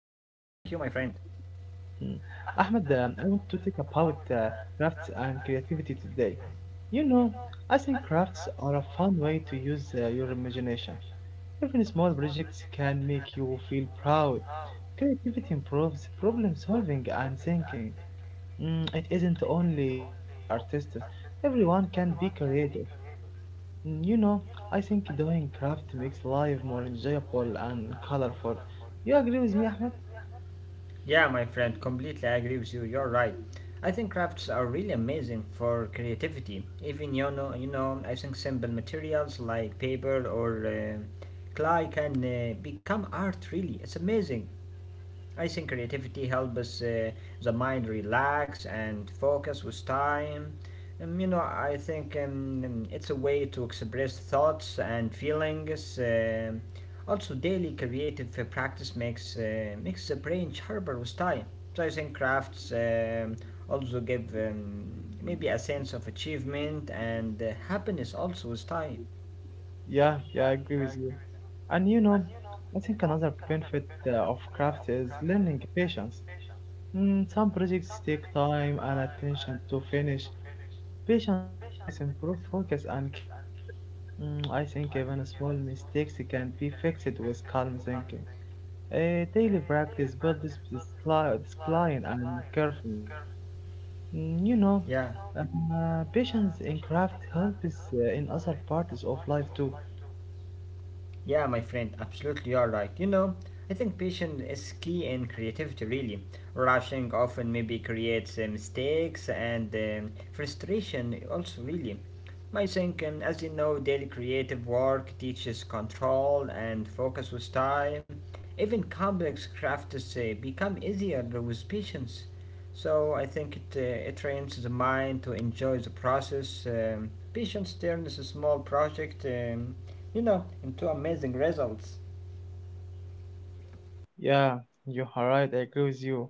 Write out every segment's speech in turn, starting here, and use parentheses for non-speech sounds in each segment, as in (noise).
my friend. Mm. Ahmad, I want to talk about crafts and creativity today. You know, I think crafts are a fun way to use your imagination. Even small projects can make you feel proud. Creativity improves problem solving and thinking. It isn't only for artists, everyone can be creative. Mm, you know, I think doing craft makes life more enjoyable and colorful. You agree with me, Ahmed? Yeah, my friend, completely agree with you. You're right. I think crafts are really amazing for creativity. Even I think simple materials like paper or clay can become art. Really, it's amazing. I think creativity helps uh, the mind relax and focus with time. You know, I think it's a way to express thoughts and feelings. Also, daily creative practice makes the brain sharper with time. So I think crafts also give maybe a sense of achievement and happiness also with time. Yeah, yeah, I agree with you. And you know, I think another benefit of craft is learning patience. Some projects take time and attention to finish. Patience helps improve focus and care. Mm, I think even small mistakes can be fixed with calm thinking. Daily practice builds discipline and carefulness. Mm, you know, patience in craft helps in other parts of life too. Yeah, my friend, absolutely you are right. You know, I think patience is key in creativity, really. Rushing often maybe creates mistakes and frustration, also, really. I think, as you know, daily creative work teaches control and focus with time. Even complex crafts become easier with patience. So I think it trains the mind to enjoy the process. Patience turns a small project, you know, into amazing results. Yeah, you are right. I agree with you.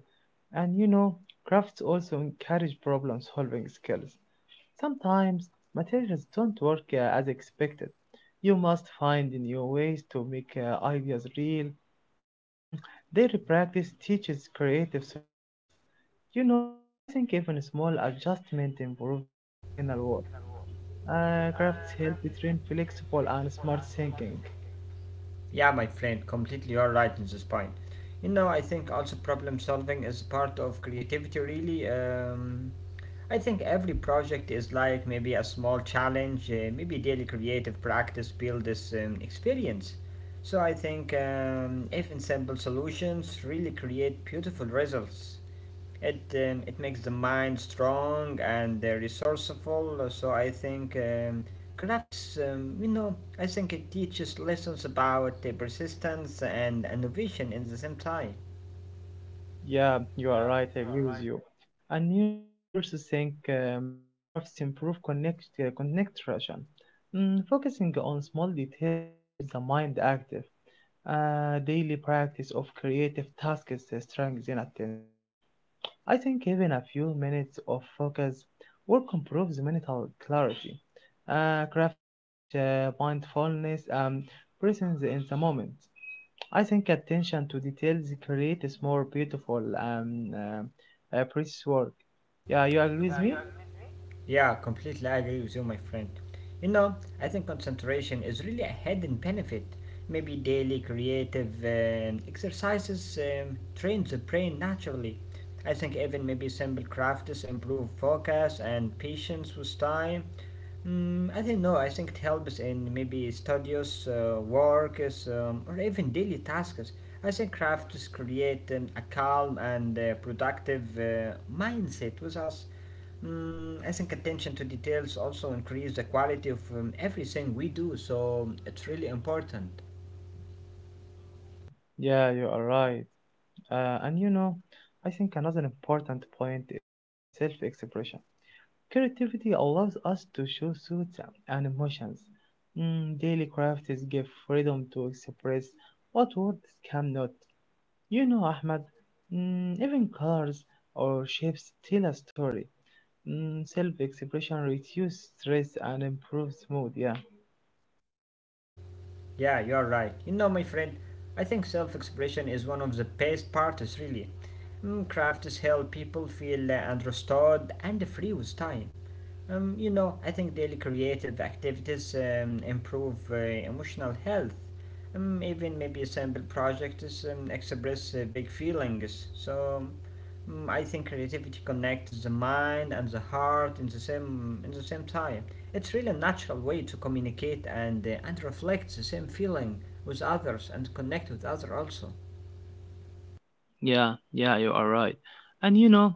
And you know, crafts also encourage problem solving skills. Sometimes materials don't work as expected. You must find new ways to make ideas real. Mm, daily practice teaches creative solutions. You know, I think even a small adjustment improves the final work. Crafts help train flexible and smart thinking. Yeah, my friend, completely you're right in this point. You know, I think also problem solving is part of creativity, really. I think every project is like maybe a small challenge, maybe daily creative practice build this experience. So I think even simple solutions really create beautiful results. It makes the mind strong and resourceful. So I think crafts, you know, I think it teaches lessons about persistence and innovation in the same time. Yeah, you are right. I agree with you. And you know, I also think crafts improve connection. Mm, focusing on small details keeps the mind active. Daily practice of creative tasks strengthens attention. I think even a few minutes of focus work improves mental clarity. Crafts teach mindfulness and presence in the moment. I think attention to details creates more beautiful and precious work. Yeah, you agree with me? Yeah, completely I agree with you, my friend. You know, I think concentration is really a hidden benefit. Maybe daily creative exercises trains the brain naturally. I think even maybe simple crafts improve focus and patience with time. Mm, I don't know. I think it helps in maybe studios, works, or even daily tasks. I think crafts create a calm and productive mindset with us. Mm, I think attention to details also increase the quality of everything we do, so it's really important. Yeah, you are right. And you know, I think another important point is self-expression. Creativity allows us to show thoughts and emotions. Mm, daily crafts give freedom to express what words cannot. You know, Ahmed, mm, even colors or shapes tell a story. Mm, self-expression reduces stress and improves mood. Yeah. Yeah, you're right. You know, my friend, I think self expression is one of the best parts, really. Mm, crafts help people feel understood and free with time. You know, I think daily creative activities improve emotional health. Even maybe a simple project is express big feelings. So, mm, I think creativity connects the mind and the heart in the same time. It's really a natural way to communicate and reflect the same feeling with others and connect with others also. Yeah, yeah, you are right. And you know,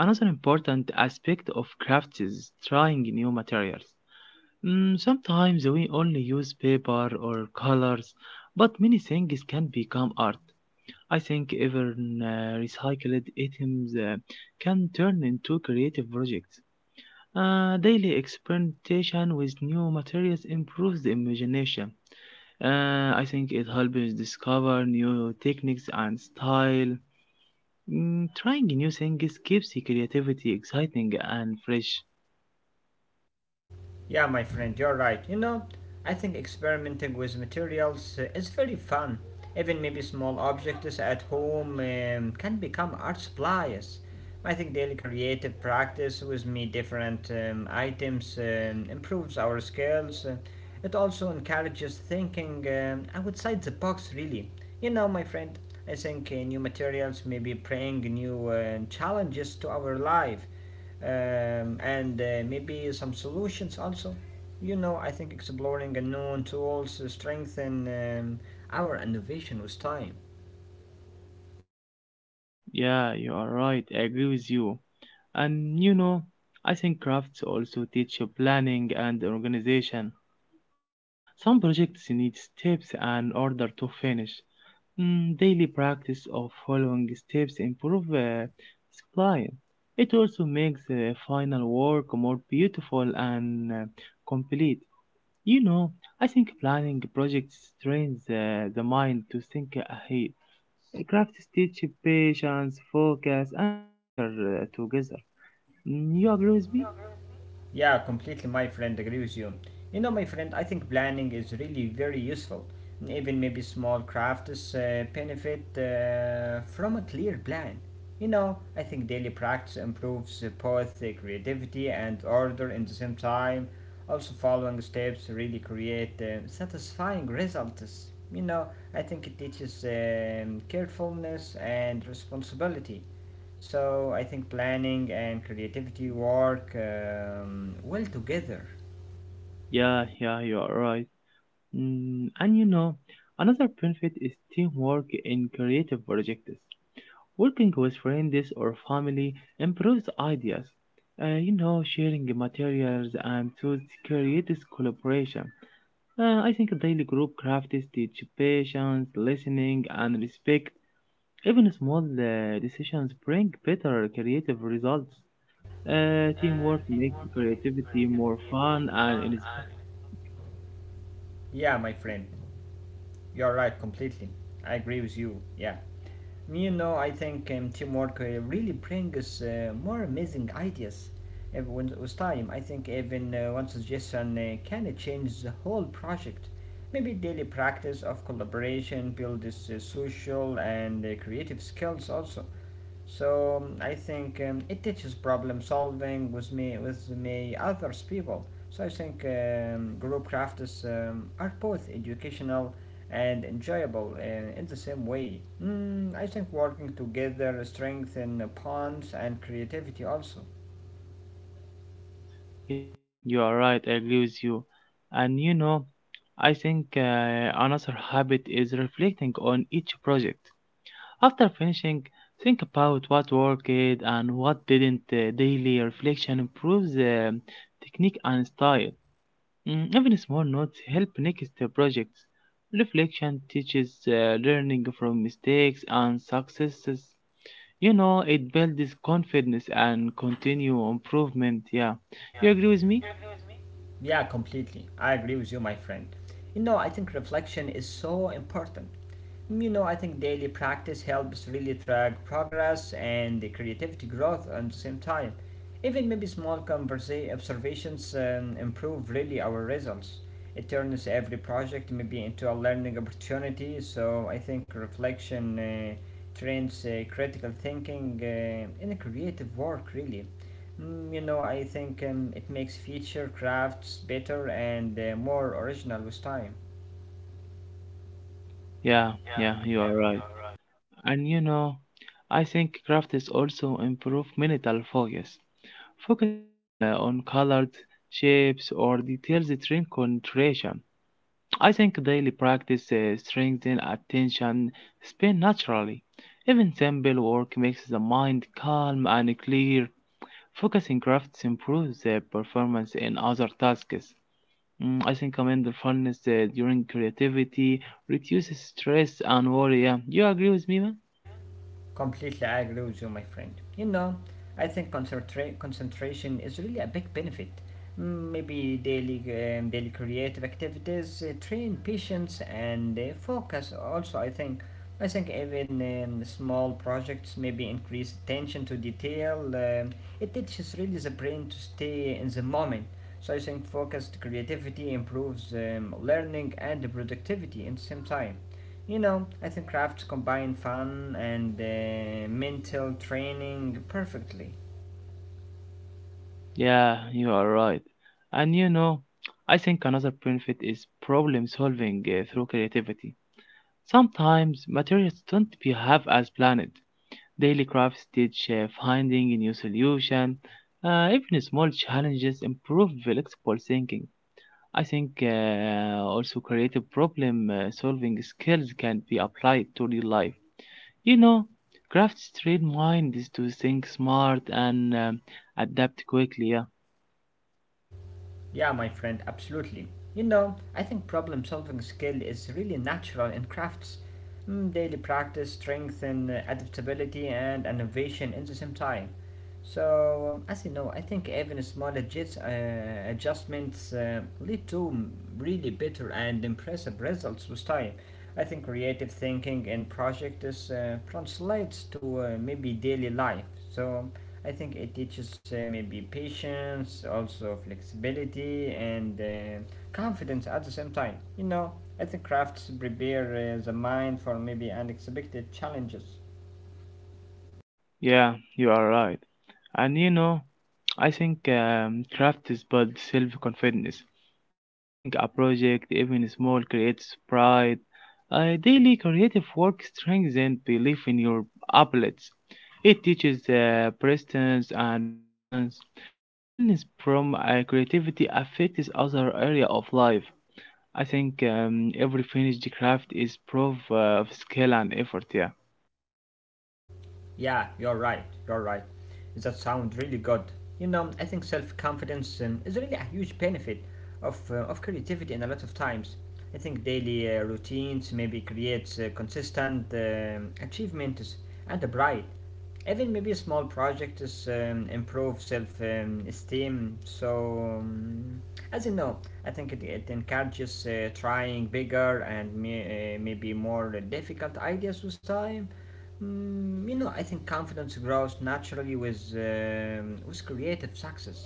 another important aspect of crafts is trying new materials. Mm, sometimes we only use paper or colors, but many things can become art. I think even recycled items can turn into creative projects. Daily experimentation with new materials improves the imagination. I think it helps discover new techniques and style. Mm, trying new things keeps the creativity exciting and fresh. Yeah, my friend, you're right. You know, I think experimenting with materials is very fun. Even maybe small objects at home can become art supplies. I think daily creative practice with me different items improves our skills. It also encourages thinking outside the box, really. You know, my friend, I think new materials may be bring new challenges to our life and maybe some solutions also. You know, I think exploring unknown tools strengthen our innovation with time. Yeah, you are right. I agree with you. And you know, I think crafts also teach you planning and organization. Some projects need steps and order to finish. Mm, daily practice of following steps improve discipline. It also makes the final work more beautiful and complete. You know, I think planning projects trains the mind to think ahead. Crafts teach patience, focus, and structure together. Mm, you agree with me? Yeah, completely, my friend, agree with you. You know, my friend, I think planning is really very useful. Even maybe small crafts benefit from a clear plan. You know, I think daily practice improves both creativity and order in the same time. Also, following steps really create satisfying results. You know, I think it teaches carefulness and responsibility. So I think planning and creativity work well together. Yeah, yeah, you are right. Mm, and you know, another benefit is teamwork in creative projects. Working with friends or family improves ideas. You know, sharing materials and tools creates collaboration. I think daily group crafts teach patience, listening, and respect. Even small decisions bring better creative results. Teamwork makes creativity more fun and inspiring. Yeah, my friend, you're right completely. I agree with you. Yeah. You know, I think teamwork really brings more amazing ideas. Everyone with time, I think even one suggestion can change the whole project. Maybe daily practice of collaboration builds social and creative skills also. So I think it teaches problem solving with me others people. So I think group crafts are both educational and enjoyable in the same way. Mm, I think working together strengthens bonds and creativity also. Yeah, you are right. I agree with you. And you know, I think another habit is reflecting on each project. After finishing, think about what worked and what didn't. Daily reflection improves technique and style. Mm, even small notes help next projects. Reflection teaches learning from mistakes and successes. You know, it builds confidence and continual improvement. Yeah, you agree with me? Yeah, completely. I agree with you, my friend. You know, I think reflection is so important. You know, I think daily practice helps really track progress and the creativity growth at the same time. Even maybe small observations improve really our results. It turns every project maybe into a learning opportunity. So I think reflection trains critical thinking in a creative work really. Mm, you know, I think it makes future crafts better and more original with time. Yeah, yeah, you are right. And you know, I think craft is also improve mental focus. Focusing on colors, shapes, or details train concentration. I think daily practice strengthens attention span naturally. Even simple work makes the mind calm and clear. Focusing crafts improves the performance in other tasks. Mm, I think mindfulness during creativity reduces stress and worry. Yeah. You agree with me, man? Completely I agree with you, my friend. You know, I think concentration is really a big benefit. Mm, maybe daily creative activities train patience and focus. Also, I think even small projects maybe increase attention to detail. It teaches really the brain to stay in the moment. So I think focused creativity improves learning and productivity in the same time. You know, I think crafts combine fun and mental training perfectly. Yeah, you are right. And you know, I think another benefit is problem solving through creativity. Sometimes materials don't behave as planned. Daily crafts teach finding a new solution. Even small challenges improve flexible thinking. I think also creative problem solving skills can be applied to real life. You know, crafts train minds to think smart and adapt quickly. Yeah, my friend, absolutely. You know, I think problem solving skill is really natural in crafts. Mm, daily practice, strength, and adaptability and innovation in the same time. So, as you know, I think even small adjustments lead to mm, really better and impressive results with time. I think creative thinking and project is translates to maybe daily life. So, I think it teaches maybe patience, also flexibility and confidence at the same time. You know, I think crafts prepare the mind for maybe unexpected challenges. Yeah, you are right. And you know, I think craft is about self-confidence. Completing a project, even small, creates pride. Daily creative work strengthens belief in your abilities. It teaches persistence and patience. Confidence from creativity affects other area of life. I think every finished craft is proof of skill and effort. Yeah, Yeah, you're right, you're right. That sounds really good. You know, I think self confidence is really a huge benefit of creativity in a lot of times. I think daily routines maybe creates consistent achievements and a pride. Even maybe small projects improve self esteem. So, as you know, I think it encourages trying bigger and maybe more difficult ideas with time. Mm, you know, I think confidence grows naturally with creative success.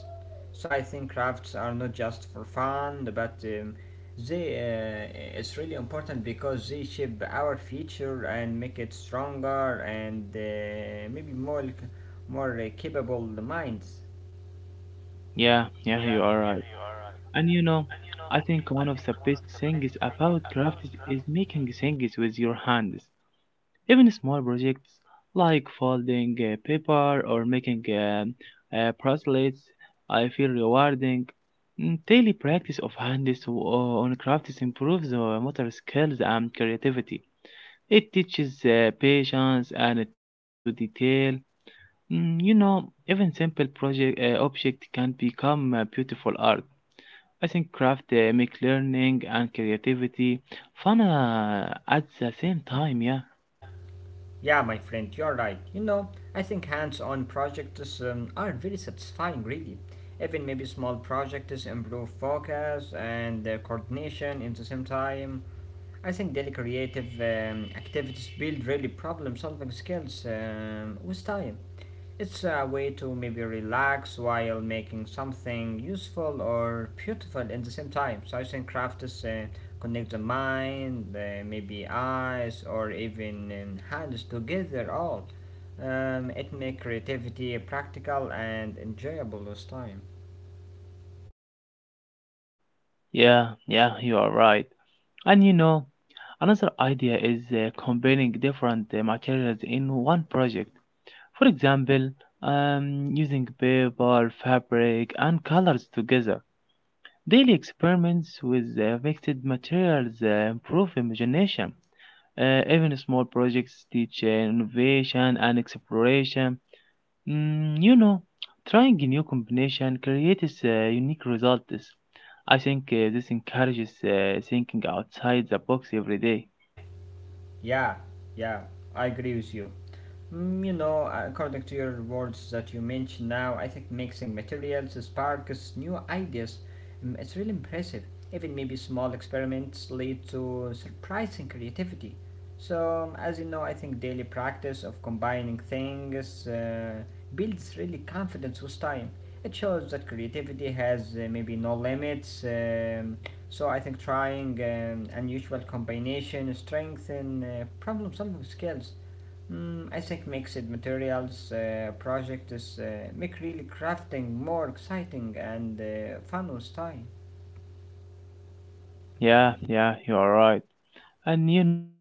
So I think crafts are not just for fun, but they it's really important because they shape our future and make it stronger and maybe more capable minds. yeah, yeah. You are right. And you know, I think one of the best things about crafts is making things with your hands. Even small projects like folding paper or making bracelets, I feel rewarding. Mm, daily practice of on crafts improves motor skills and creativity. It teaches patience and attention to detail. Mm, you know, even simple project object can become beautiful art. I think academic learning and creativity, fun at the same time, yeah. Yeah, my friend, you're right. You know, I think hands on projects are very satisfying, really. Even maybe small projects improve focus and coordination in the same time. I think daily creative activities build really problem solving skills with time. It's a way to maybe relax while making something useful or beautiful at the same time. So I think craft is connect the mind, maybe eyes, or even hands together all. It make creativity practical and enjoyable this time. Yeah, yeah, you are right. And you know, another idea is combining different materials in one project. For example, using paper, fabric, and colors together. Daily experiments with mixed materials improve imagination. Even small projects teach innovation and exploration. Mm, you know, trying a new combination creates unique results. I think this encourages thinking outside the box every day. Yeah, yeah, I agree with you. Mm, you know, according to your words that you mentioned now, I think mixing materials sparks new ideas. Mm, it's really impressive. Even maybe small experiments lead to surprising creativity. So, as you know, I think daily practice of combining things builds really confidence with time. It shows that creativity has maybe no limits. So I think trying unusual combination, strength, and problem-solving skills. Mm, I think makes it materials project is make really crafting more exciting and fun with time. Yeah, yeah, you are right. And you know,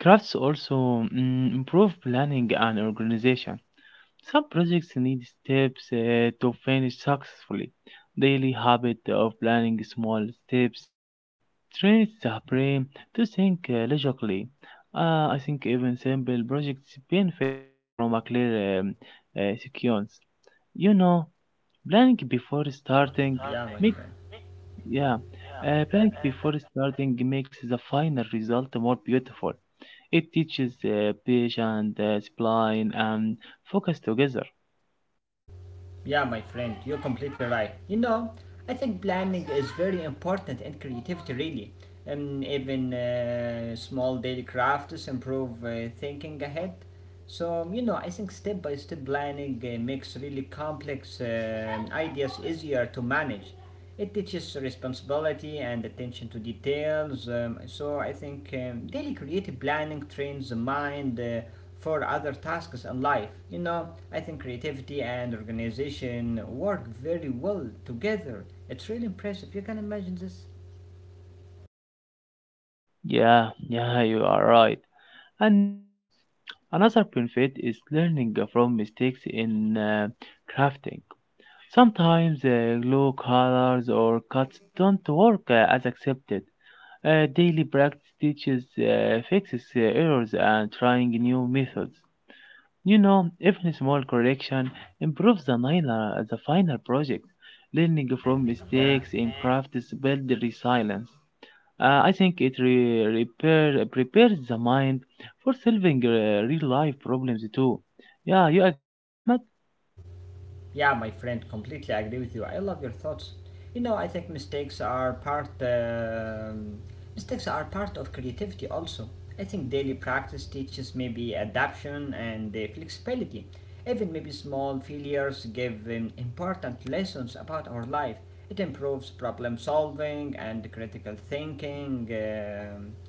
crafts also mm, improve planning and organization. Some projects need steps to finish successfully. Daily habit of planning small steps Traits are to think logically. I think even simple projects benefit from a clear sequence. You know, planning before starting Yeah, make yeah, planning before starting makes the final result more beautiful. It teaches patient, spline, and focus together. Yeah, my friend, you're completely right. You know, I think planning is very important in creativity, really. And even small daily crafts improve thinking ahead. So, you know, I think step by step planning makes really complex ideas easier to manage. It teaches responsibility and attention to details. So I think daily creative planning trains the mind for other tasks in life. You know, I think creativity and organization work very well together. It's really impressive. You can imagine this. Yeah, yeah, you are right. And you know, another benefit is learning from mistakes in crafting. Sometimes glue colors or cuts don't work as accepted. Daily practice teaches, fixes errors, and trying new methods. You know, even a small correction improves the final project. Learning from Yeah. mistakes in crafts builds resilience. I think it prepares the mind for solving real life problems too. Yeah, you agree with me, Ahmed? Yeah, my friend, completely agree with you. I love your thoughts. You know, I think mistakes are part of creativity. Also, I think daily practice teaches maybe adaptation and flexibility. Even maybe small failures give important lessons about our life. It Improves problem solving and critical thinking.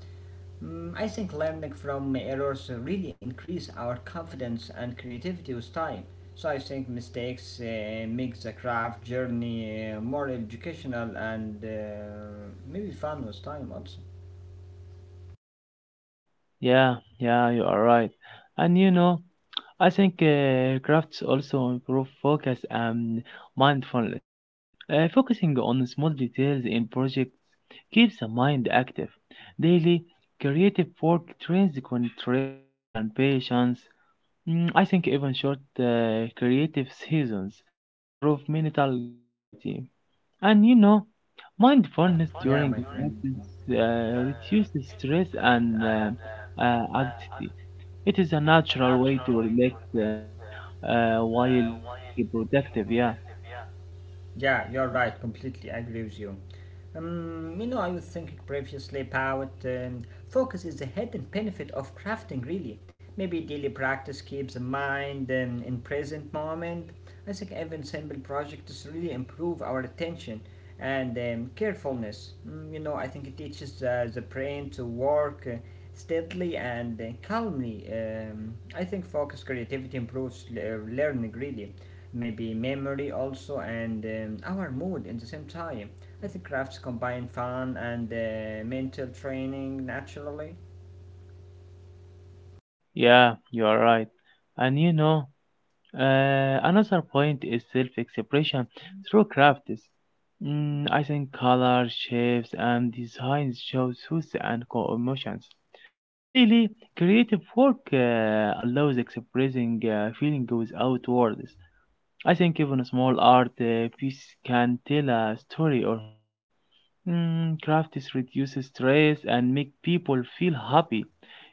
Mm, I think learning from errors really increase our confidence and creativity with time. So I think mistakes make the craft journey more educational and maybe fun with time also. Yeah, yeah, you are right. And you know, I think crafts also improve focus and mindfulness. Focusing on small details in projects keeps the mind active. Daily creative work trains concentration and patience. Mm, I think even short creative seasons improve mental clarity. And you know, mindfulness Yeah, during but- practice reduces stress and anxiety. It is a natural way to relax um, while being productive. Yeah. yeah, you're right. Completely agree with you. You know, I was thinking previously about focus is a hidden benefit of crafting, really. Maybe daily practice keeps the mind in present moment. I think even simple projects really improve our attention and carefulness. You know, I think it teaches the brain to work steadily and calmly. I think focus, creativity improves learning really, maybe memory also, and our mood in the same time. I think crafts combine fun and mental training naturally. Yeah, you are right. And you know, another point is self-expression through crafts. Mm, I think color, shapes, and designs shows emotions. Daily, creative work allows expressing feeling without words. I think even a small art piece can tell a story or mood. Mm, crafts reduces stress and make people feel happy.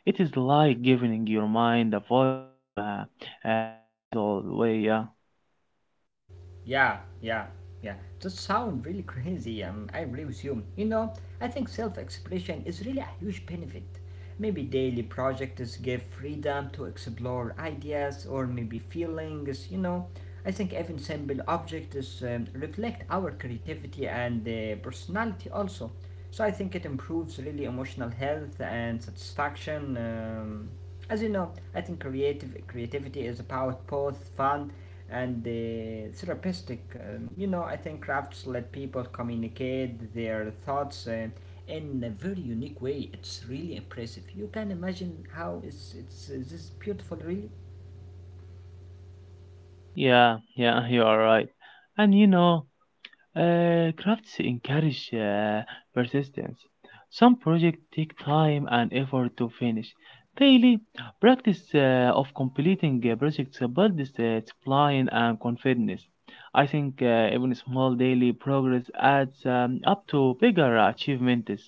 It is like giving your mind a voice in a physical way. Yeah, Yeah, yeah, yeah. That sounds really crazy. I agree with you. You know, I think self-expression is really a huge benefit. Maybe daily projects give freedom to explore ideas or maybe feelings. You know, I think even simple objects reflect our creativity and personality also. So I think it improves really emotional health and satisfaction. As you know, I think creative creativity is about both fun and the therapeutic. You know, I think crafts let people communicate their thoughts in a very unique way. It's really impressive. You can imagine how it's this beautiful, really. yeah, yeah. (laughs) You are right. And you know, crafts encourage persistence. Some projects take time and effort to finish. Daily practice of completing projects builds discipline and confidence. I think even small daily progress adds up to bigger achievements.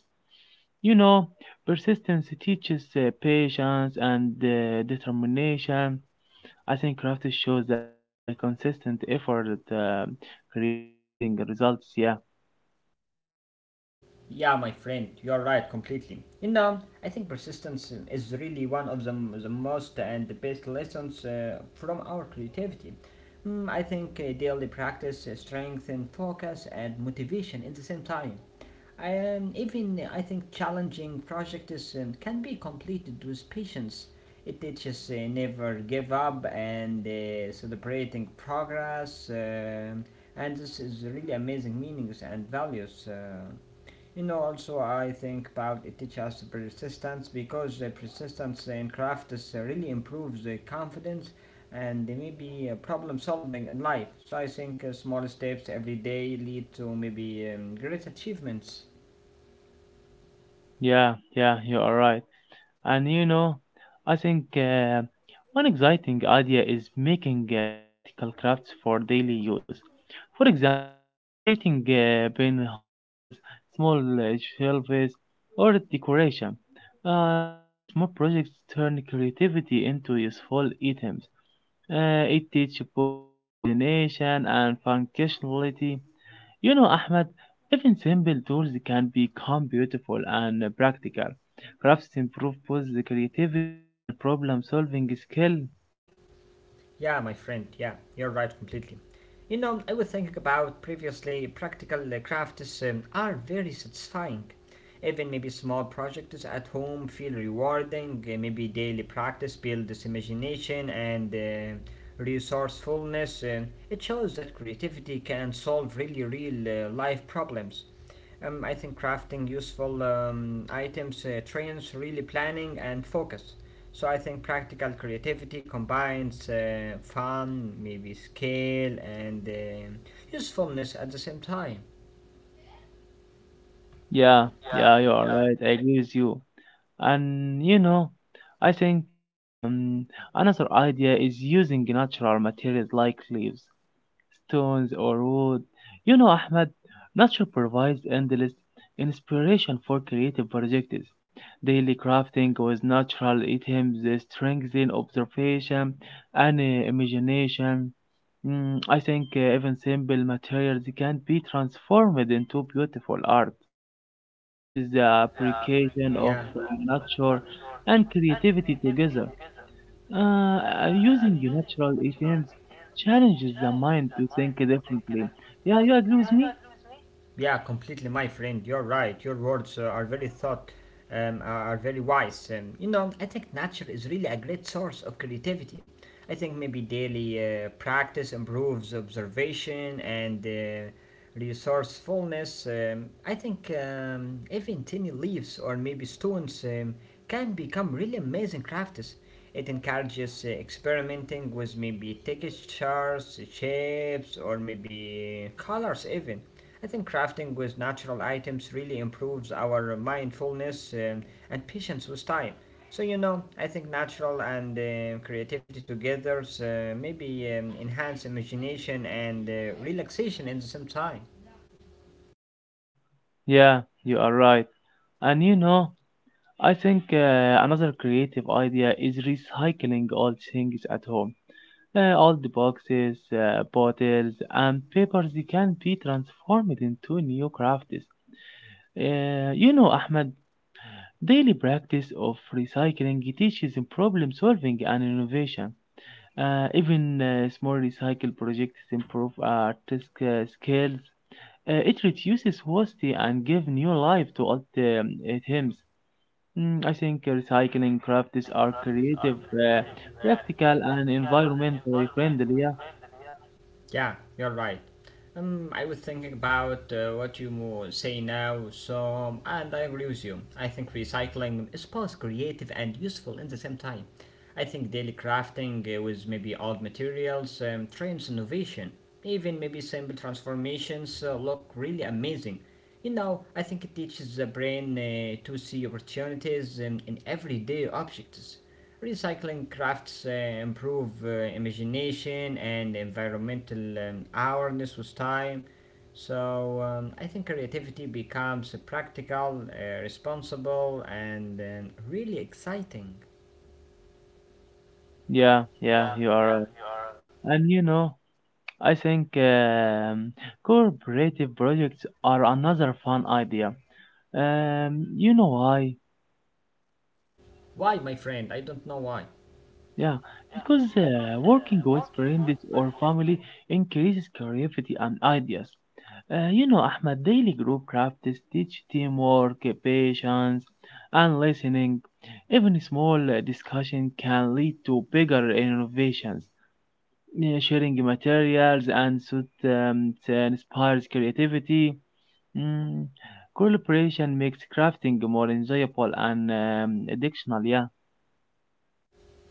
You know, persistence teaches patience and determination. I think crafts shows that consistent effort creates amazing results. Yeah. Yeah, my friend, you're right completely. You know, I think persistence is really one of the most and the best lessons from our creativity. I think daily practice strengthen focus and motivation in the same time. Even I think challenging projects can be completed with patience. It teaches never give up and celebrating progress, and this is really amazing meanings and values. You know, also I think about it teaches us persistence because the persistence in craft is, really improves the confidence and maybe problem solving in life. So I think small steps every day lead to maybe great achievements. Yeah, yeah, you are right. And you know, I think one exciting idea is making practical crafts for daily use. For example, creating pen holders, small shelves, or decoration. Daily small projects turn creativity into useful items. It teaches both imagination and functionality. You know, Ahmed, even simple tools can become beautiful and practical. Crafts improve both the creativity and problem solving skill. Yeah, my friend, yeah, you're right completely. You know, I was thinking about previously, practical crafts are very satisfying. Even maybe small projects at home feel rewarding, maybe daily practice builds imagination and resourcefulness. It shows that creativity can solve really real life problems. I think crafting useful items trains really planning and focus. So I think practical creativity combines fun, maybe scale, and usefulness at the same time. Yeah, yeah, you are right. I agree with you. And you know, I think another idea is using natural materials like leaves, stones or wood. You know, Ahmed, nature provides endless inspiration for creative projects. Daily crafting with natural items strengthens observation and imagination. Mm, I think even simple materials can be transformed into beautiful art. It teaches the appreciation of Yeah. Nature and creativity together. Using natural items challenges the mind to think differently. Yeah, you agree with me? Yeah, completely, my friend. You're right. Your words are very thought, are very wise. You know, I think nature is really a great source of creativity. I think maybe daily practice improves observation and resourcefulness. I think even tiny leaves or maybe stones can become really amazing crafts. It encourages experimenting with maybe textures, shapes, or maybe colors even. I think crafting with natural items really improves our mindfulness and patience with time. So, you know, I think natural and creativity together maybe enhance imagination and relaxation in the same time. Yeah, you are right. And you know, I think another creative idea is recycling old things at home. Old boxes, bottles, and papers they can be transformed into new crafts. Ahmed, daily practice of recycling teaches problem solving and innovation. Even small recycle projects improve artistic skills. It reduces waste and give new life to old items. I think recycling crafts are creative, uh, practical, and environmentally friendly. Yeah, Yeah, you're right. I was thinking about what you say now, so and I agree with you. I think recycling is both creative and useful in the same time. I think daily crafting with maybe old materials trains innovation. Even maybe simple transformations look really amazing. You know, I think it teaches the brain to see opportunities in everyday objects. Recycling crafts improve imagination and environmental awareness with time. So I think creativity becomes practical, responsible, and really exciting. yeah, yeah. You are, right. And I think cooperative projects are another fun idea. You know why? Why, my friend? I don't know why. Yeah, because working with friends or family increases creativity and ideas. Ahmed, daily group practice teach teamwork, patience, and listening. Even small discussion can lead to bigger innovations. Yeah, sharing materials and so it, it inspires creativity. Mm, Collaboration makes crafting more enjoyable and additional. Yeah,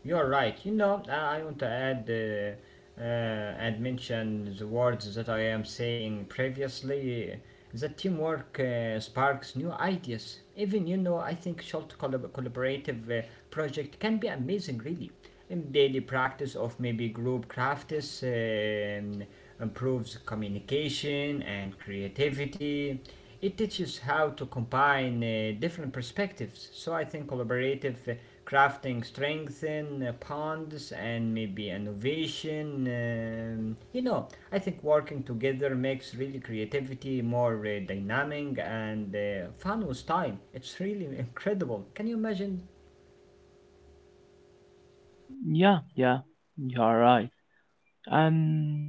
You're right. You know, I want to add and mention the words that I am saying previously. That teamwork sparks new ideas. Even you know, I think short collaborative project can be amazing, really. And daily practice of maybe group crafts improves communication and creativity. It teaches how to combine different perspectives. So I think collaborative crafting strengthen bonds and maybe innovation. You know, I think working together makes really creativity more dynamic and fun with time. It's really (laughs) incredible. Can you imagine? yeah, yeah. You are right. And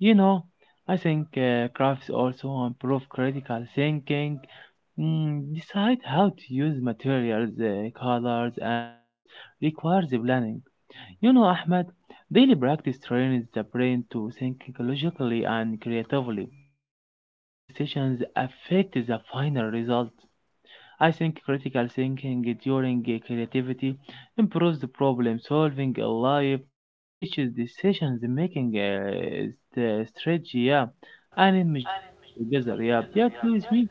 you know, I think crafts also improve critical thinking. Decide how to use materials, colors, and shapes requires planning. Ahmed, daily practice trains the brain to think logically and creatively. Even small decisions affect the final result. I think critical thinking during creativity improves the problem solving in life. It teaches decisions making strategy, yeah, and imagination together, yeah. Yeah, please me.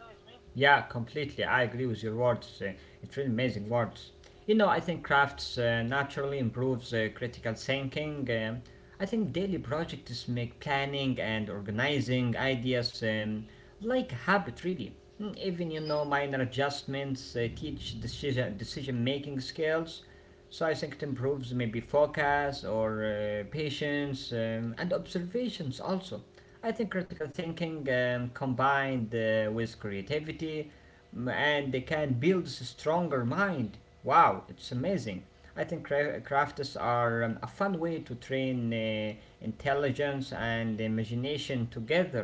Yeah, completely. I agree with your words. It's really amazing words. You know, I think crafts naturally improves critical thinking. I think daily projects make planning and organizing ideas like a habit, really. Even you know minor adjustments teach decision making skills. So I think it improves maybe focus or patience and observations also. I think critical thinking combined with creativity and they can build a stronger mind. Wow, it's amazing. I think crafts are a fun way to train intelligence and imagination together.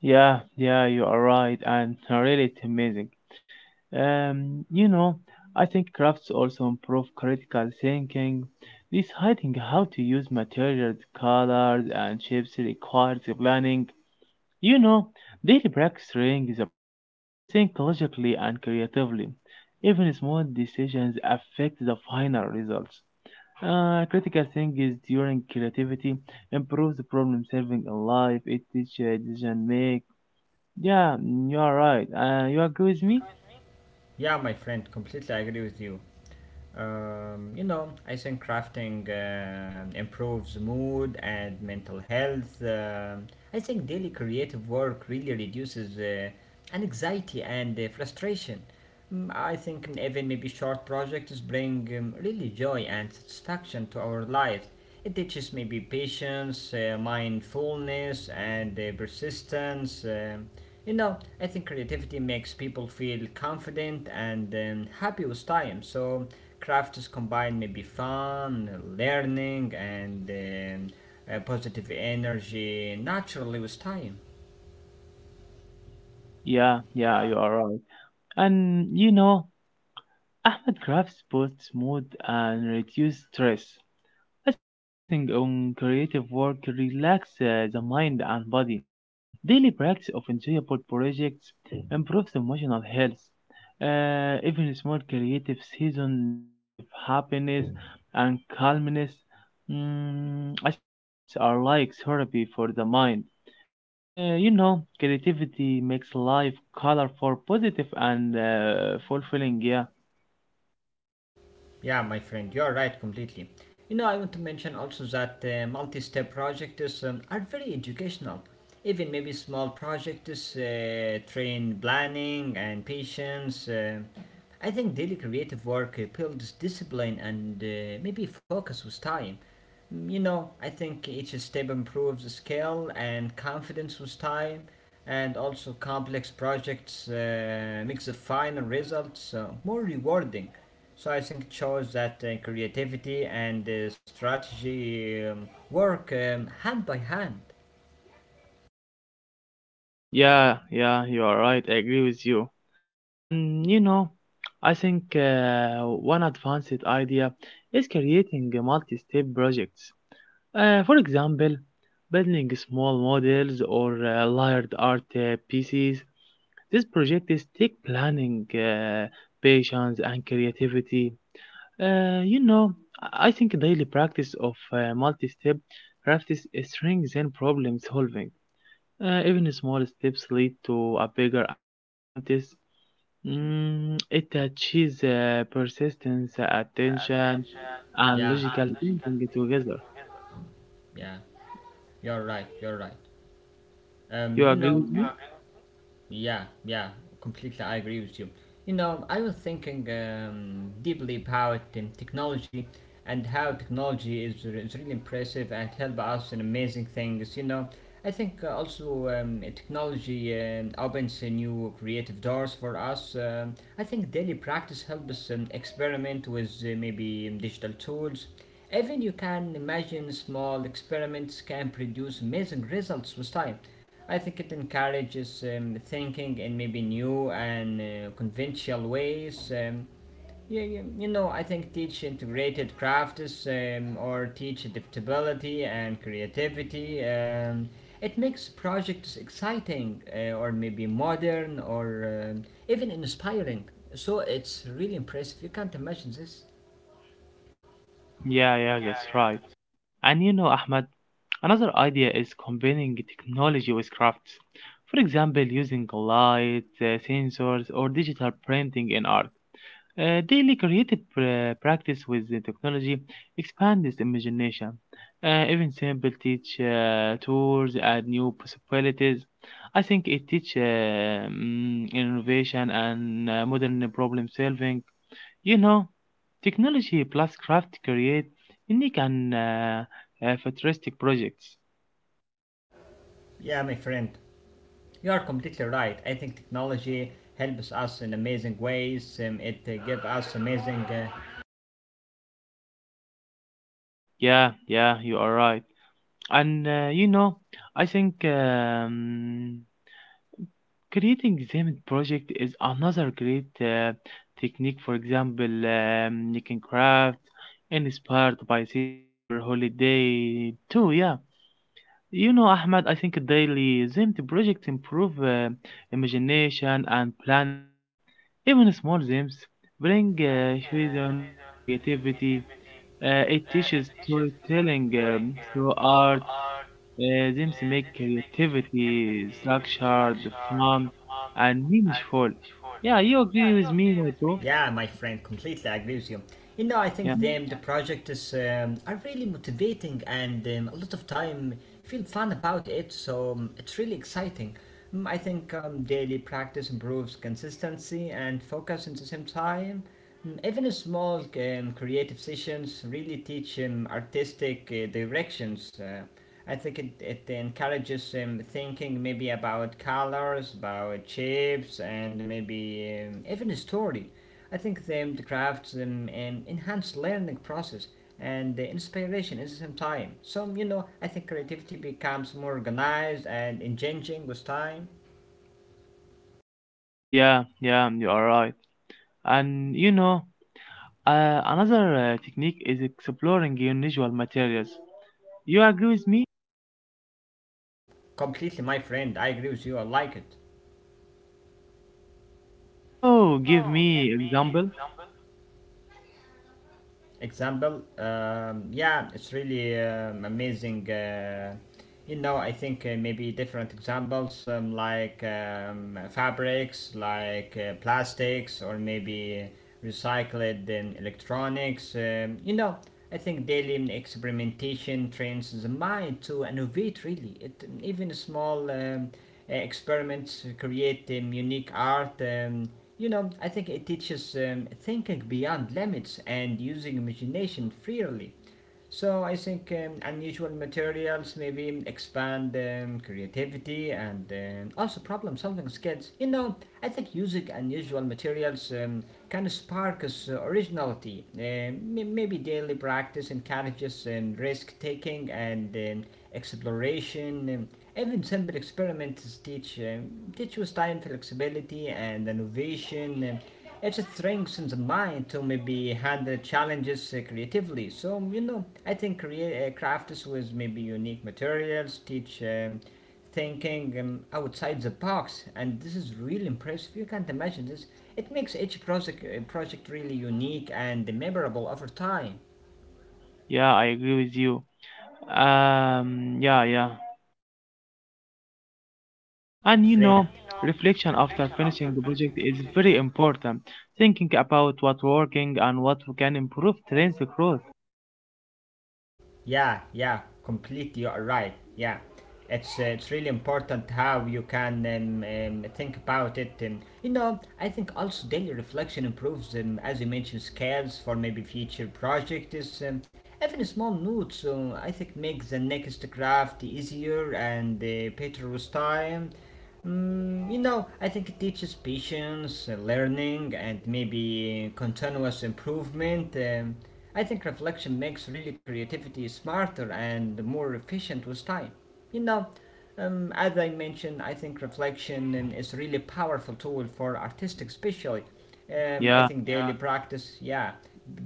Yeah, yeah, you are right, and (laughs) really it's amazing. Um, you know, I think crafts also improve critical thinking. Deciding how to use materials, colors, and shapes requires planning. You know, Daily practicing is a brain to think logically and creatively. Even small decisions affect the final results. Critical thinking during creativity improves problem solving in life. It teaches decision make. Yeah, mm, you are right. You agree with me? Yeah, my friend, completely agree with you. You know, I think crafting improves mood and mental health. I think daily creative work really reduces anxiety and frustration. I think even maybe short projects bring really joy and satisfaction to our lives. It teaches maybe patience, mindfulness, and persistence. You know, I think creativity makes people feel confident and happy with time. So, craft is combined maybe fun, learning, and positive energy naturally with time. Yeah, yeah, you are right. And Ahmed crafts both smooth and reduce stress. I think focusing on creative work relaxes the mind and body. Daily practice of enjoyable projects improves emotional health. Even small creative season, creative happiness and calmness. I think crafts are like therapy for the mind. Creativity makes life colorful, positive, and fulfilling. Yeah, Yeah, my friend, you're right completely. You know, I want to mention also that multi step projects are very educational. Even maybe small projects train planning and patience. I think daily creative work builds discipline and maybe focus with time. You know, I think each step improves skill and confidence with time, and also complex projects makes the final results more rewarding. So I think it shows that creativity and strategy work hand by hand. yeah, yeah. You are right. I agree with you. And I think one advanced idea is creating multi-step projects. For example, building small models or layered art pieces. These projects take planning, patience, and creativity. Uh, you know, I think daily practice of multi-step crafts strengthens problem solving. Even small steps lead to a bigger achievement. It achieves persistence, attention, and Yeah, logical thinking together. yeah, you're right, you're right. Um, You you agree know, with me? Yeah, yeah, completely. I agree with you. You know, I was thinking deeply about technology and how technology is, is really impressive and help us in amazing things. You know, I think also technology opens new creative doors for us. I think daily practice helps us experiment with maybe digital tools. Even you can imagine small experiments can produce amazing results with time. I think it encourages thinking in maybe new and conventional ways. You know, I think teach integrated crafts or teach adaptability and creativity. It makes projects exciting or maybe modern or even inspiring. So it's really impressive. You can't imagine this. Yeah, yeah, that's right. And Ahmed, another idea is combining technology with crafts. For example, using light, sensors, or digital printing in art. Daily creative practice with the technology expands this imagination. Even simple teach tours and new possibilities. I think it teaches innovation and modern problem solving. You know, Technology plus craft create unique and futuristic projects. Yeah, my friend. You are completely right. I think technology helps us in amazing ways. It gives us amazing. Yeah, yeah, you are right. And I think creating Zemit project is another great technique. For example, you can craft inspired by season or holiday too. Yeah, Ahmed, I think daily Zemit projects improve imagination and planning. Even small games bring cohesion and creativity. It teaches storytelling through art. Games make creativity structured, fun, and meaningful. Yeah, you agree with me, my bro? Yeah, my friend, completely agree with you. You know, I Yeah, think the project is are really motivating and a lot of time feel fun about it. So it's really exciting. I think daily practice improves consistency and focus at the same time. Even a small creative sessions really teach artistic directions. I think it encourages thinking maybe about colors, about shapes, and maybe even a story. I think them the crafts them enhance learning process and the inspiration at the same time. So you know, I think creativity becomes more organized and engaging with time. yeah, yeah, you are right. And another technique is exploring unusual materials. You agree with me? Completely, my friend. I agree with you. I like it. Can you give me example? Example yeah, it's really amazing. You know, I think maybe different examples like fabrics, like plastics or maybe recycled electronics. You know, I think daily experimentation trains the mind to innovate, really. It, even small experiments create unique art. You know, I think it teaches thinking beyond limits and using imagination freely. So I think unusual materials maybe expand creativity and also problem-solving skills. You know, I think using unusual materials can spark us originality. Maybe daily practice encourages risk-taking and exploration. Even simple experiments teach us time flexibility and innovation. It strengthens the mind to maybe handle challenges creatively. So you know, I think crafts with maybe unique materials teach thinking outside the box, and this is really impressive. You can't imagine this. It makes each project really unique and memorable over time. Yeah, I agree with you. Yeah, yeah. Yeah, And my you friend. know, reflection after finishing the project is very important. Thinking about what working and what we can improve trains the growth. Yeah, yeah, completely. You are right. Yeah, it's really important how you can think about it. You know, I think also daily reflection improves, as you mentioned, skills for maybe future projects. Even small notes, so I think, make the next draft easier and better with time. You know, I think it teaches patience, learning, and maybe continuous improvement. I think reflection makes really creativity smarter and more efficient with time. You know, as I mentioned, I think reflection is really powerful tool for artistic, especially Yeah, I think daily practice, yeah,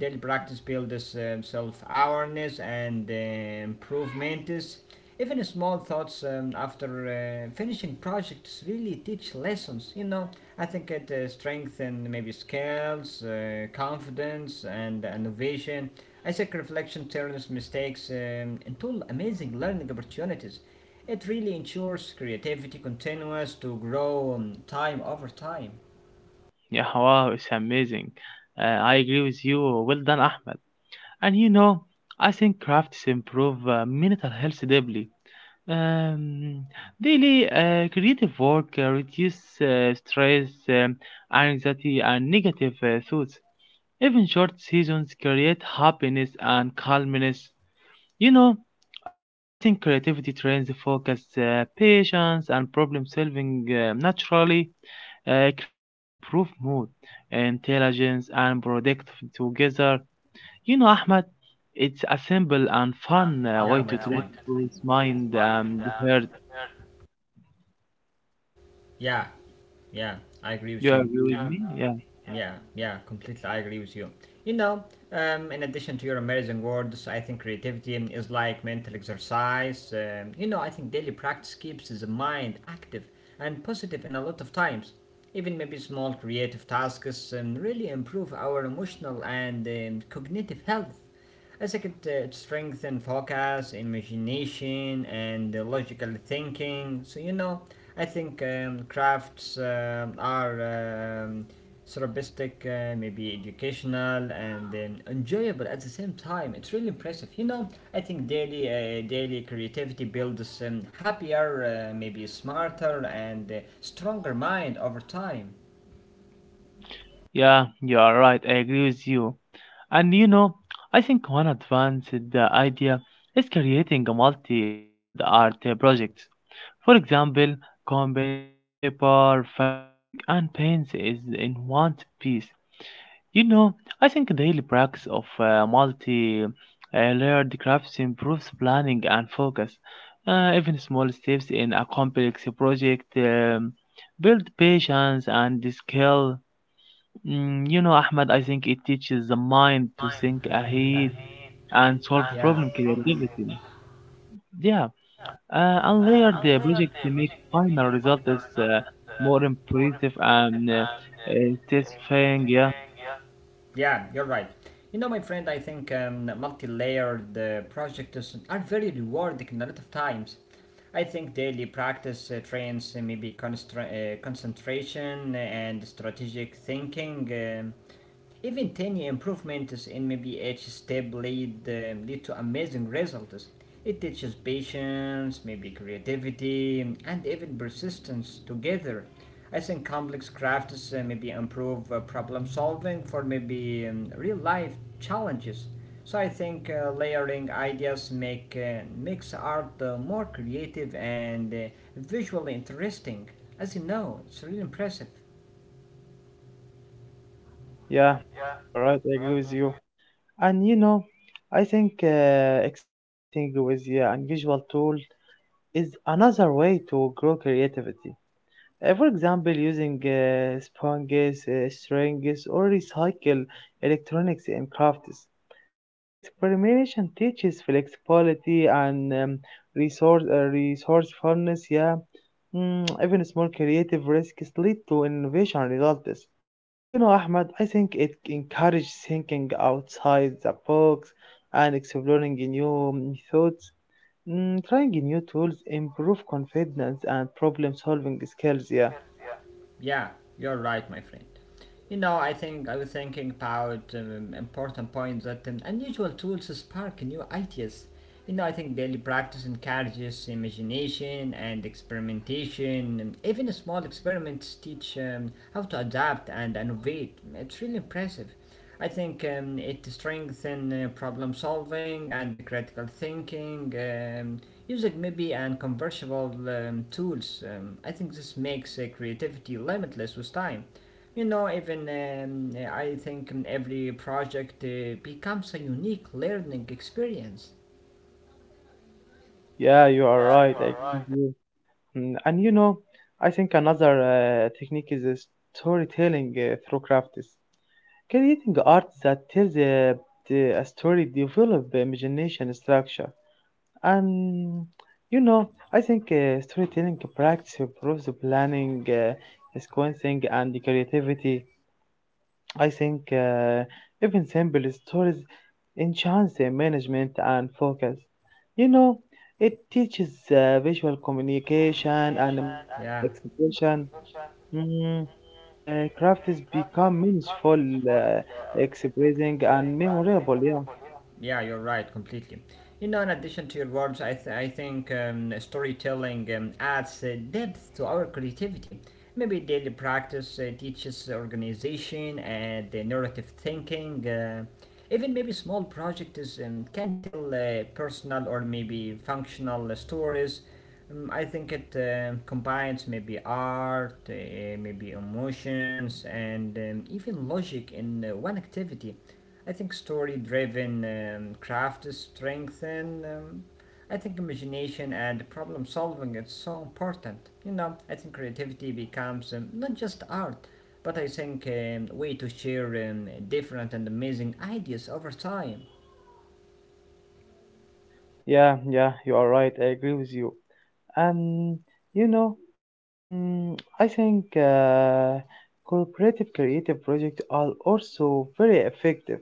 daily practice builds self-awareness and improvement. Even small thoughts after finishing projects really teach lessons. You know, I think it strengthens maybe skills, confidence, and innovation. I think reflection turns mistakes into amazing learning opportunities. It really ensures creativity continues to grow time over time. yeah, wow, it's amazing. I agree with you. Well done, Ahmed. And I think crafts improve mental health deeply. Um, Daily creative work reduce stress, anxiety, and negative thoughts. Even short seasons create happiness and calmness. You know, I think creativity trains the focus, patience, and problem solving naturally. Crafts improve mood, intelligence, and product together. Ahmed, it's a simple and fun Yeah, way my to friend. train both mind and heart. Yeah, yeah, I agree with You you. agree with me? Yeah. Yeah, yeah, completely, I agree with you. You know, in addition to your amazing words, I think creativity is like mental exercise. You know, I think daily practice keeps the mind active and positive in a lot of times. Even maybe small creative tasks really improve our emotional and cognitive health. As I think it, it strengthens focus, imagination, and logical thinking. So, you know, I think crafts are um, therapeutic, maybe educational, and enjoyable at the same time. It's really impressive. You know, I think daily creativity builds happier, maybe smarter, and stronger mind over time. Yeah, you are right. I agree with you. And I think one advanced idea is creating a multi-layered art projects. For example, combining paper, fabric, and paints is in one piece. You know, I think daily practice of multi-layered crafts improves planning and focus. Even small steps in a complex project build patience and skill. Ahmed, I think it teaches the mind to think ahead and solve Yeah. problem creativity. Yeah, unlayered projects make final result is more impressive and satisfying. Yeah. Yeah, you're right. You know, my friend, I think multi-layered projects are very rewarding in a lot of times. I think daily practice trains maybe concentration and strategic thinking. um Even tiny improvements in maybe each step lead to amazing results. It teaches patience, maybe creativity, and even persistence together. I think complex crafts maybe improve problem solving for maybe real life challenges. So I think layering ideas makes art more creative and visually interesting. As you know, it's really impressive. Yeah, yeah, you are right. I agree with you. And I think experimenting with the unusual tool is another way to grow creativity. For example, using sponges, strings, or recycle electronics in crafts. Daily experimentation teaches flexibility and resourcefulness. Yeah, mm, even small creative risks lead to innovation results. Ahmad, I think it encourages thinking outside the box and exploring new methods. Mm, trying new tools improve confidence and problem solving skills. Yeah. Yeah, you're right, my friend. You know, I think I was thinking about important points that unusual tools spark new ideas. You know, I think daily practice encourages imagination and experimentation. And even small experiments teach how to adapt and innovate. It's really impressive. I think it strengthens problem solving and critical thinking. Using MIDI and convertible tools. I think this makes creativity limitless with time. You know, even I think every project becomes a unique learning experience. Yeah, you are right. I agree with you. Mm, and I think another technique is storytelling through crafts. Creating art that tells a story develop the imagination structure. And I think storytelling practice improves the planning, sequencing, and the creativity. I think even simple stories enhance management and focus. You know, it teaches visual communication and Yeah. emotional expression. Mm, Craft is become meaningful, uh, expressing and memorable. Yeah. Yeah, you're right, completely. You know, in addition to your words, I think storytelling adds depth to our creativity. Maybe daily practice teaches organization and narrative thinking. Even maybe small projects can tell personal or maybe functional stories. I think it combines maybe art, maybe emotions, and even logic in one activity. I think story driven craft is strengthened. I think imagination and problem solving is so important. You know, I think creativity becomes not just art, but I think a way to share different and amazing ideas over time. Yeah, yeah, you are right. I agree with you. And you know, I think cooperative creative projects are also very effective.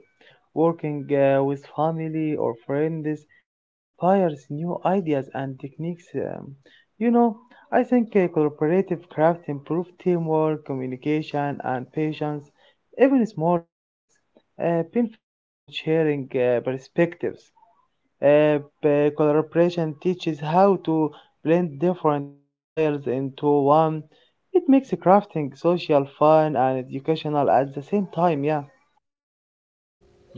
Working with family or friends inspires new ideas and techniques. You know, I think cooperative craft improve teamwork, communication, and patience. Even small projects benefit from sharing perspectives. Collaboration teaches how to blend different styles into one. It makes crafting social, fun, and educational at the same time. Yeah,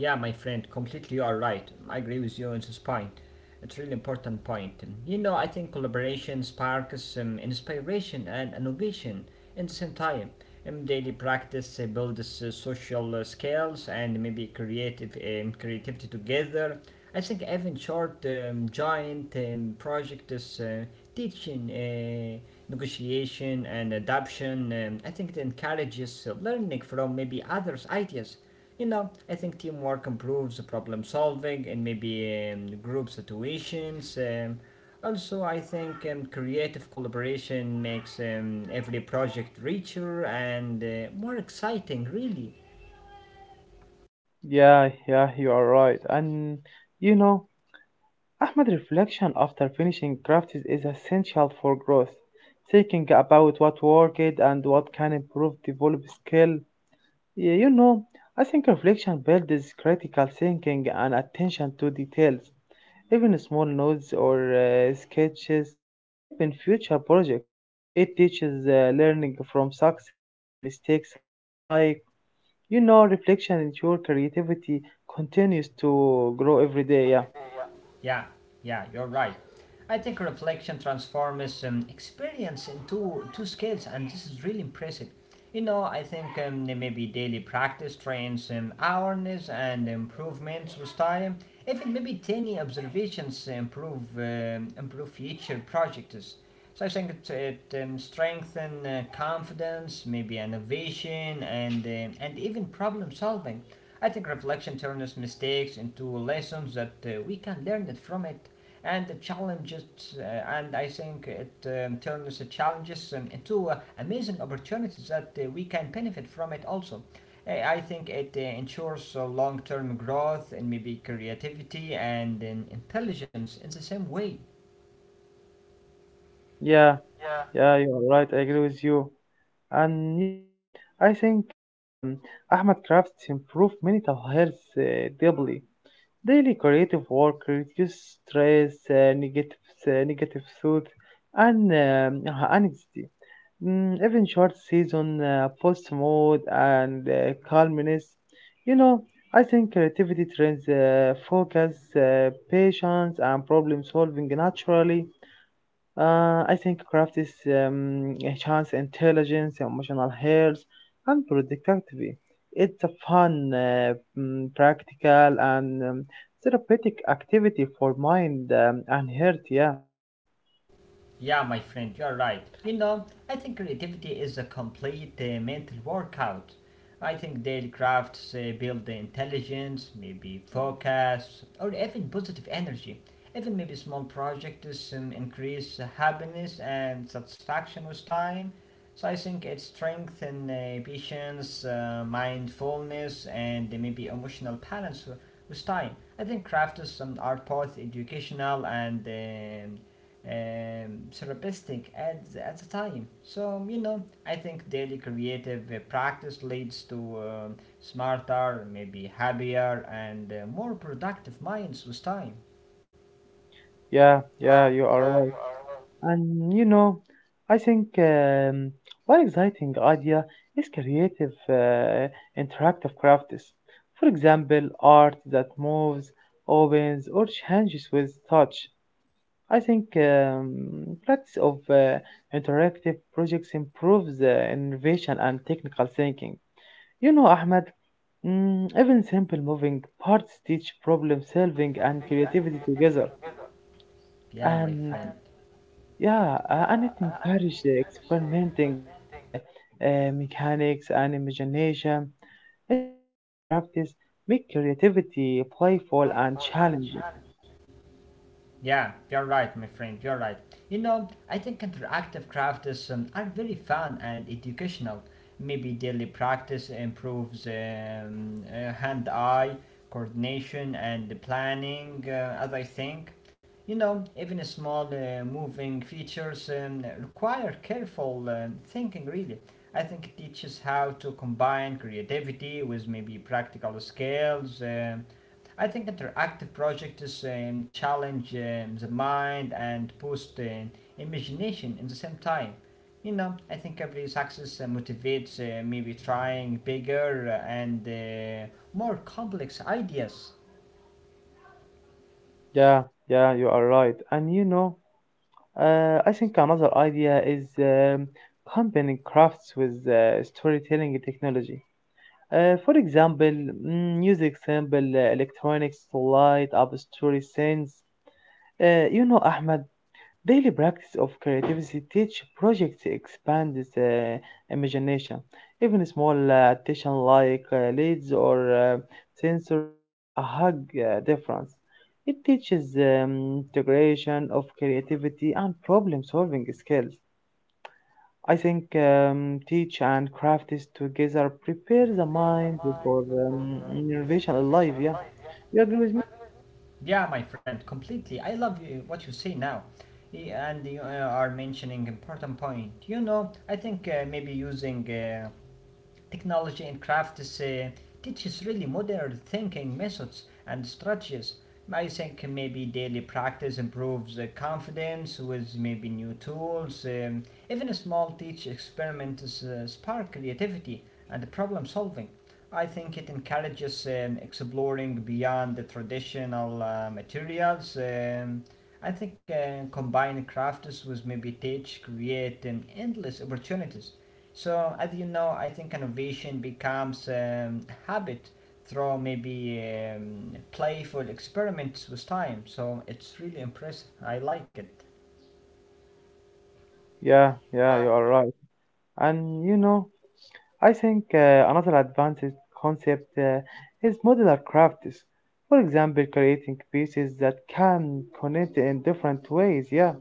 Yeah, my friend, completely you are right. I agree with you on this point. It's a really important point. And, you know, I think collaboration sparks inspiration and innovation in the same time. Daily practice builds social skills and maybe creative creativity together. I think even short giant projects teaching. Negotiation and adoption. I think it encourages learning from maybe others' ideas. You know, I think teamwork improves problem solving and maybe group situations. Also, I think creative collaboration makes every project richer and more exciting, really. yeah, yeah. You are right. And you know, Ahmed, reflection after finishing crafts is essential for growth. Thinking about what worked and what can improve, develop skill. Yeah, I think reflection builds critical thinking and attention to details. Even small notes or sketches help in future projects. It teaches learning from success and mistakes alike. Reflection ensure creativity continues to grow every day. Yeah, Yeah, yeah, you're right. I think reflection transforms experience into two scales, and this is really impressive. You know, I think maybe daily practice trains awareness and improvements with time. Even maybe tiny observations improve future projects. So I think it strengthens confidence, maybe innovation, and even problem solving. I think reflection turns mistakes into lessons that we can learn it from it, and the challenges. Uh, and I think it turns the challenges into amazing opportunities that we can benefit from it also. I think it ensures long-term growth and maybe creativity and intelligence in the same way. yeah, yeah. You're right. I agree with you. And I think Ahmed crafts improve mental health deeply. Daily creative work reduces stress, negative thought, and anxiety. Mm, even short season post mode and calmness. You know, I think creativity trains focus, patience, and problem solving naturally. I think craft is enhance intelligence, emotional health, and productivity. It's a fun, practical, and therapeutic activity for mind and heart. Yeah, Yeah, my friend, you're right. You know, I think creativity is a complete mental workout. I think daily crafts build the intelligence, maybe focus, or even positive energy. Even maybe small projects increase happiness and satisfaction with time. So I think it strengthens patience, mindfulness, and maybe emotional balance with time. I think crafts are both educational and therapeutic at the time. So you know, I think daily creative practice leads to smarter, maybe happier, and more productive minds with time. yeah, yeah. You are right. And I think one exciting idea is creative, interactive crafts. For example, art that moves, opens, or changes with touch. I think lots of interactive projects improves innovation and technical thinking. Ahmed, mm, even simple moving parts teach problem solving and creativity together. Yeah, my And friend. yeah, and it encourages experimenting with mechanics and imagination. Interactive crafts make creativity playful and challenging. Yeah, you're right, my friend, you're right. You know, I think interactive crafts are very fun and educational. Maybe daily practice improves hand eye coordination and the planning, as I think. You know, even a small moving features require careful thinking, really. I think it teaches how to combine creativity with maybe practical skills. I think interactive projects challenge the mind and boost imagination in the same time. You know, I think every success motivates maybe trying bigger and more complex ideas. Yeah, yeah, you are right. And I think another idea is combining crafts with storytelling technology. For example, mm, music, symbol, electronics, light up story scenes. Ahmed, daily practice of creativity teach projects expand the imagination. Even small attention like leads or sensors make a hug difference. It teaches integration of creativity and problem solving skills. I think teach and craft is together prepare the mind for innovation alive. Yeah, you agree with me? Yeah, my friend, completely. I love you, what you say now. And you are mentioning important point. You know, I think maybe using technology in craft is, teaches really modern thinking methods and strategies. I think maybe daily practice improves confidence with maybe new tools. Even a small teach experiments spark creativity and problem solving. I think it encourages exploring beyond the traditional materials. I think combining crafts with maybe teach create endless opportunities. So, as you know, I think innovation becomes habit through maybe playful experiments with time. So, it's really impressive. I like it. Yeah, yeah, you are right. And I think another advanced concept is modular crafts. For example, creating pieces that can connect in different ways. Yeah,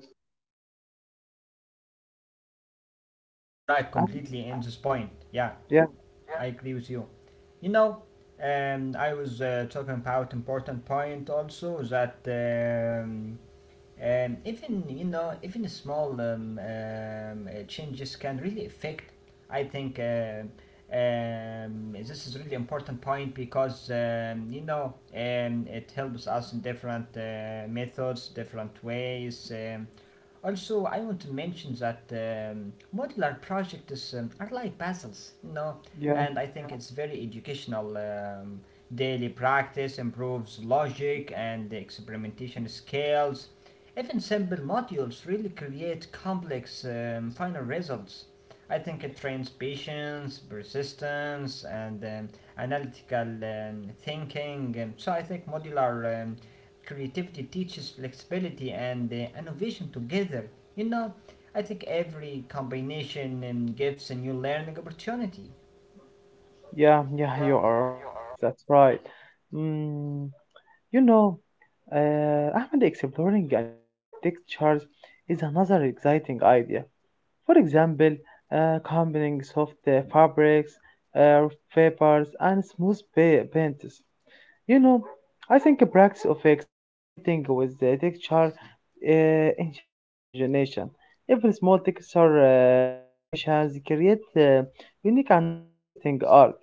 Yeah, you're right um, completely in this point. Yeah. yeah, I agree with you. You know, I was talking about important point also that even you know even small changes can really affect. I think this is really important point because you know it helps us in different methods, different ways. Also, I want to mention that modular projects are like puzzles. You know, yeah, and I think it's very educational. Daily practice improves logic and the experimentation skills. Even simple modules really create complex final results. I think it trains patience, persistence, and analytical thinking. So I think modular creativity teaches flexibility and innovation together. You know, I think every combination gives a new learning opportunity. yeah, yeah. You are right. That's right. Mm, you know, Ahmed exploring unusual textures is another exciting idea. For example, combining soft fabrics, uh, papers, and smooth paints. You know, I think a practice of experimenting with the texture uh, enhance imagination. Every small texture variations create unique and interesting art.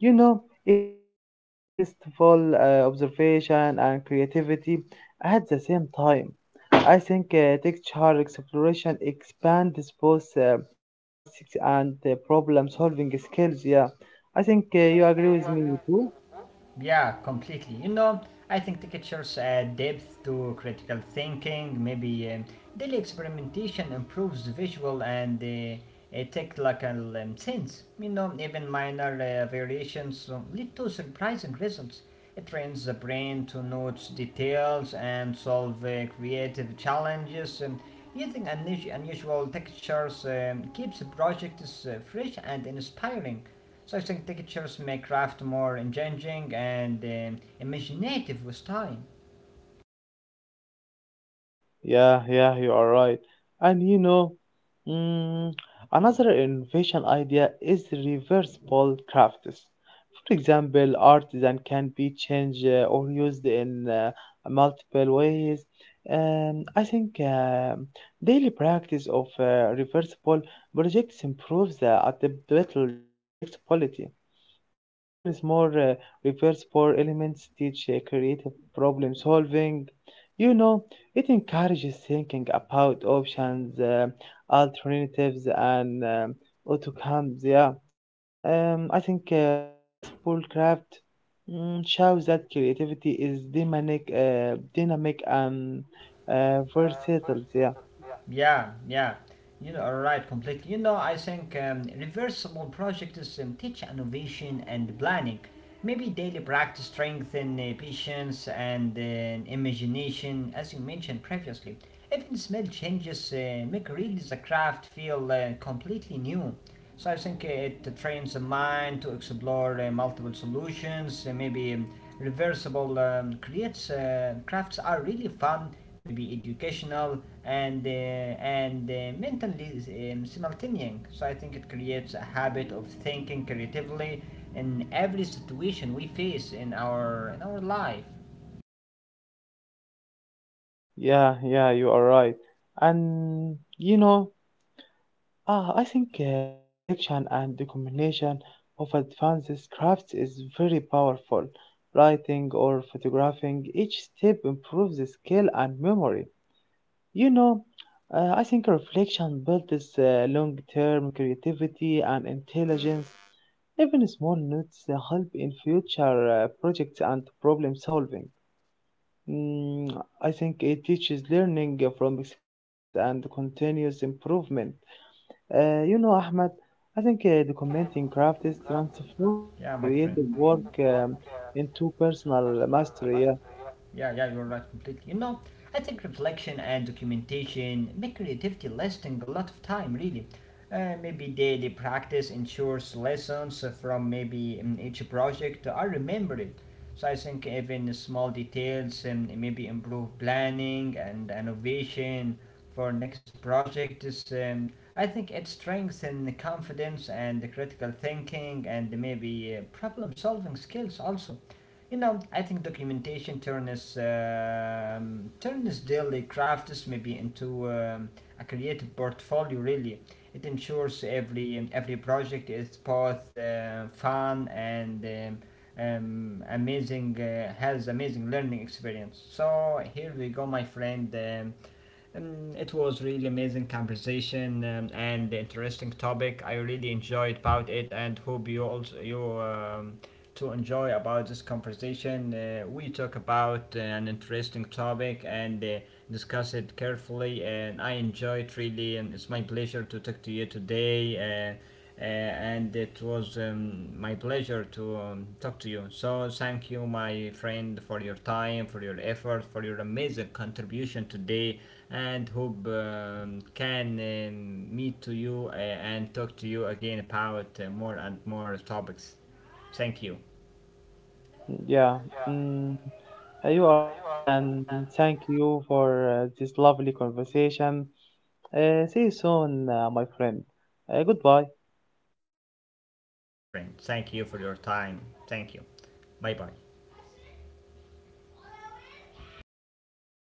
It teaches sensible observation and creativity at the same time. I think texture exploration expands both artists and problem solving skills. Yeah, I think you agree with me too. Yeah, completely. You know, I think Tikitcher's depth to critical thinking, maybe daily experimentation improves visual and technical sense. You know, even minor variations lead to surprising results. It trains the brain to note details and solve creative challenges. And using unusual textures keeps projects fresh and inspiring. So I think textures make craft more engaging and imaginative with time. Yeah, yeah, you are right. And mm, another innovation idea is reversible crafts. For example, artisan can be changed or used in multiple ways. I think daily practice of reversible projects improves the adaptability and flexibility. Mm, even small repairs for elements teach creative problem solving. You know, it encourages thinking about options, alternatives, and outcomes. Yeah, I think reversible craft shows that creativity is dynamic, dynamic and versatile. Yeah, Yeah, yeah. You know, right, completely. You know, I think reversible projects teach innovation and planning. Maybe daily practice strengthen patience and imagination, as you mentioned previously. Even small changes make really the craft feel completely new. So I think it trains the mind to explore multiple solutions, maybe reversible creates crafts are really fun, maybe educational and mentally simultaneous. So I think it creates a habit of thinking creatively in every situation we face in our life. yeah, yeah. You are right, and Ah, I think reflection and the combination of advanced crafts is very powerful. Writing or photographing, each step improves the skill and memory. You know, I think reflection builds long term creativity and intelligence. Even small notes help in future projects and problem solving. Mm, I think it teaches learning from experience and continuous improvement. Ahmed, I think documenting crafts transforms Yeah, my friend. creative work into personal mastery. Yeah, Yeah, yeah, you're right completely. You know, I think reflection and documentation make creativity lasting a lot of time, really. Maybe daily practice ensures lessons from maybe each project are remembered. So I think even small details and maybe improve planning and innovation for next project is. I think it strengthens confidence and critical thinking and maybe problem solving skills also. You know, I think documentation turns daily crafts maybe into a creative portfolio. Really, it ensures every project is both fun and amazing, has amazing learning experience. So here we go, my friend. It was really amazing conversation and interesting topic. I really enjoyed about it and hope you also you to enjoy about this conversation. We talk about an interesting topic and discuss it carefully and I enjoyed really and it's my pleasure to talk to you today. And it was my pleasure to talk to you. So, thank you, my friend, for your time, for your effort, for your amazing contribution today, and hope can meet to you and talk to you again about more and more topics. Thank you. yeah. Mm, you are right, and thank you for this lovely conversation. See you soon, my friend. Goodbye. Yeah, my friend, thank you for your time. Thank you. Bye bye.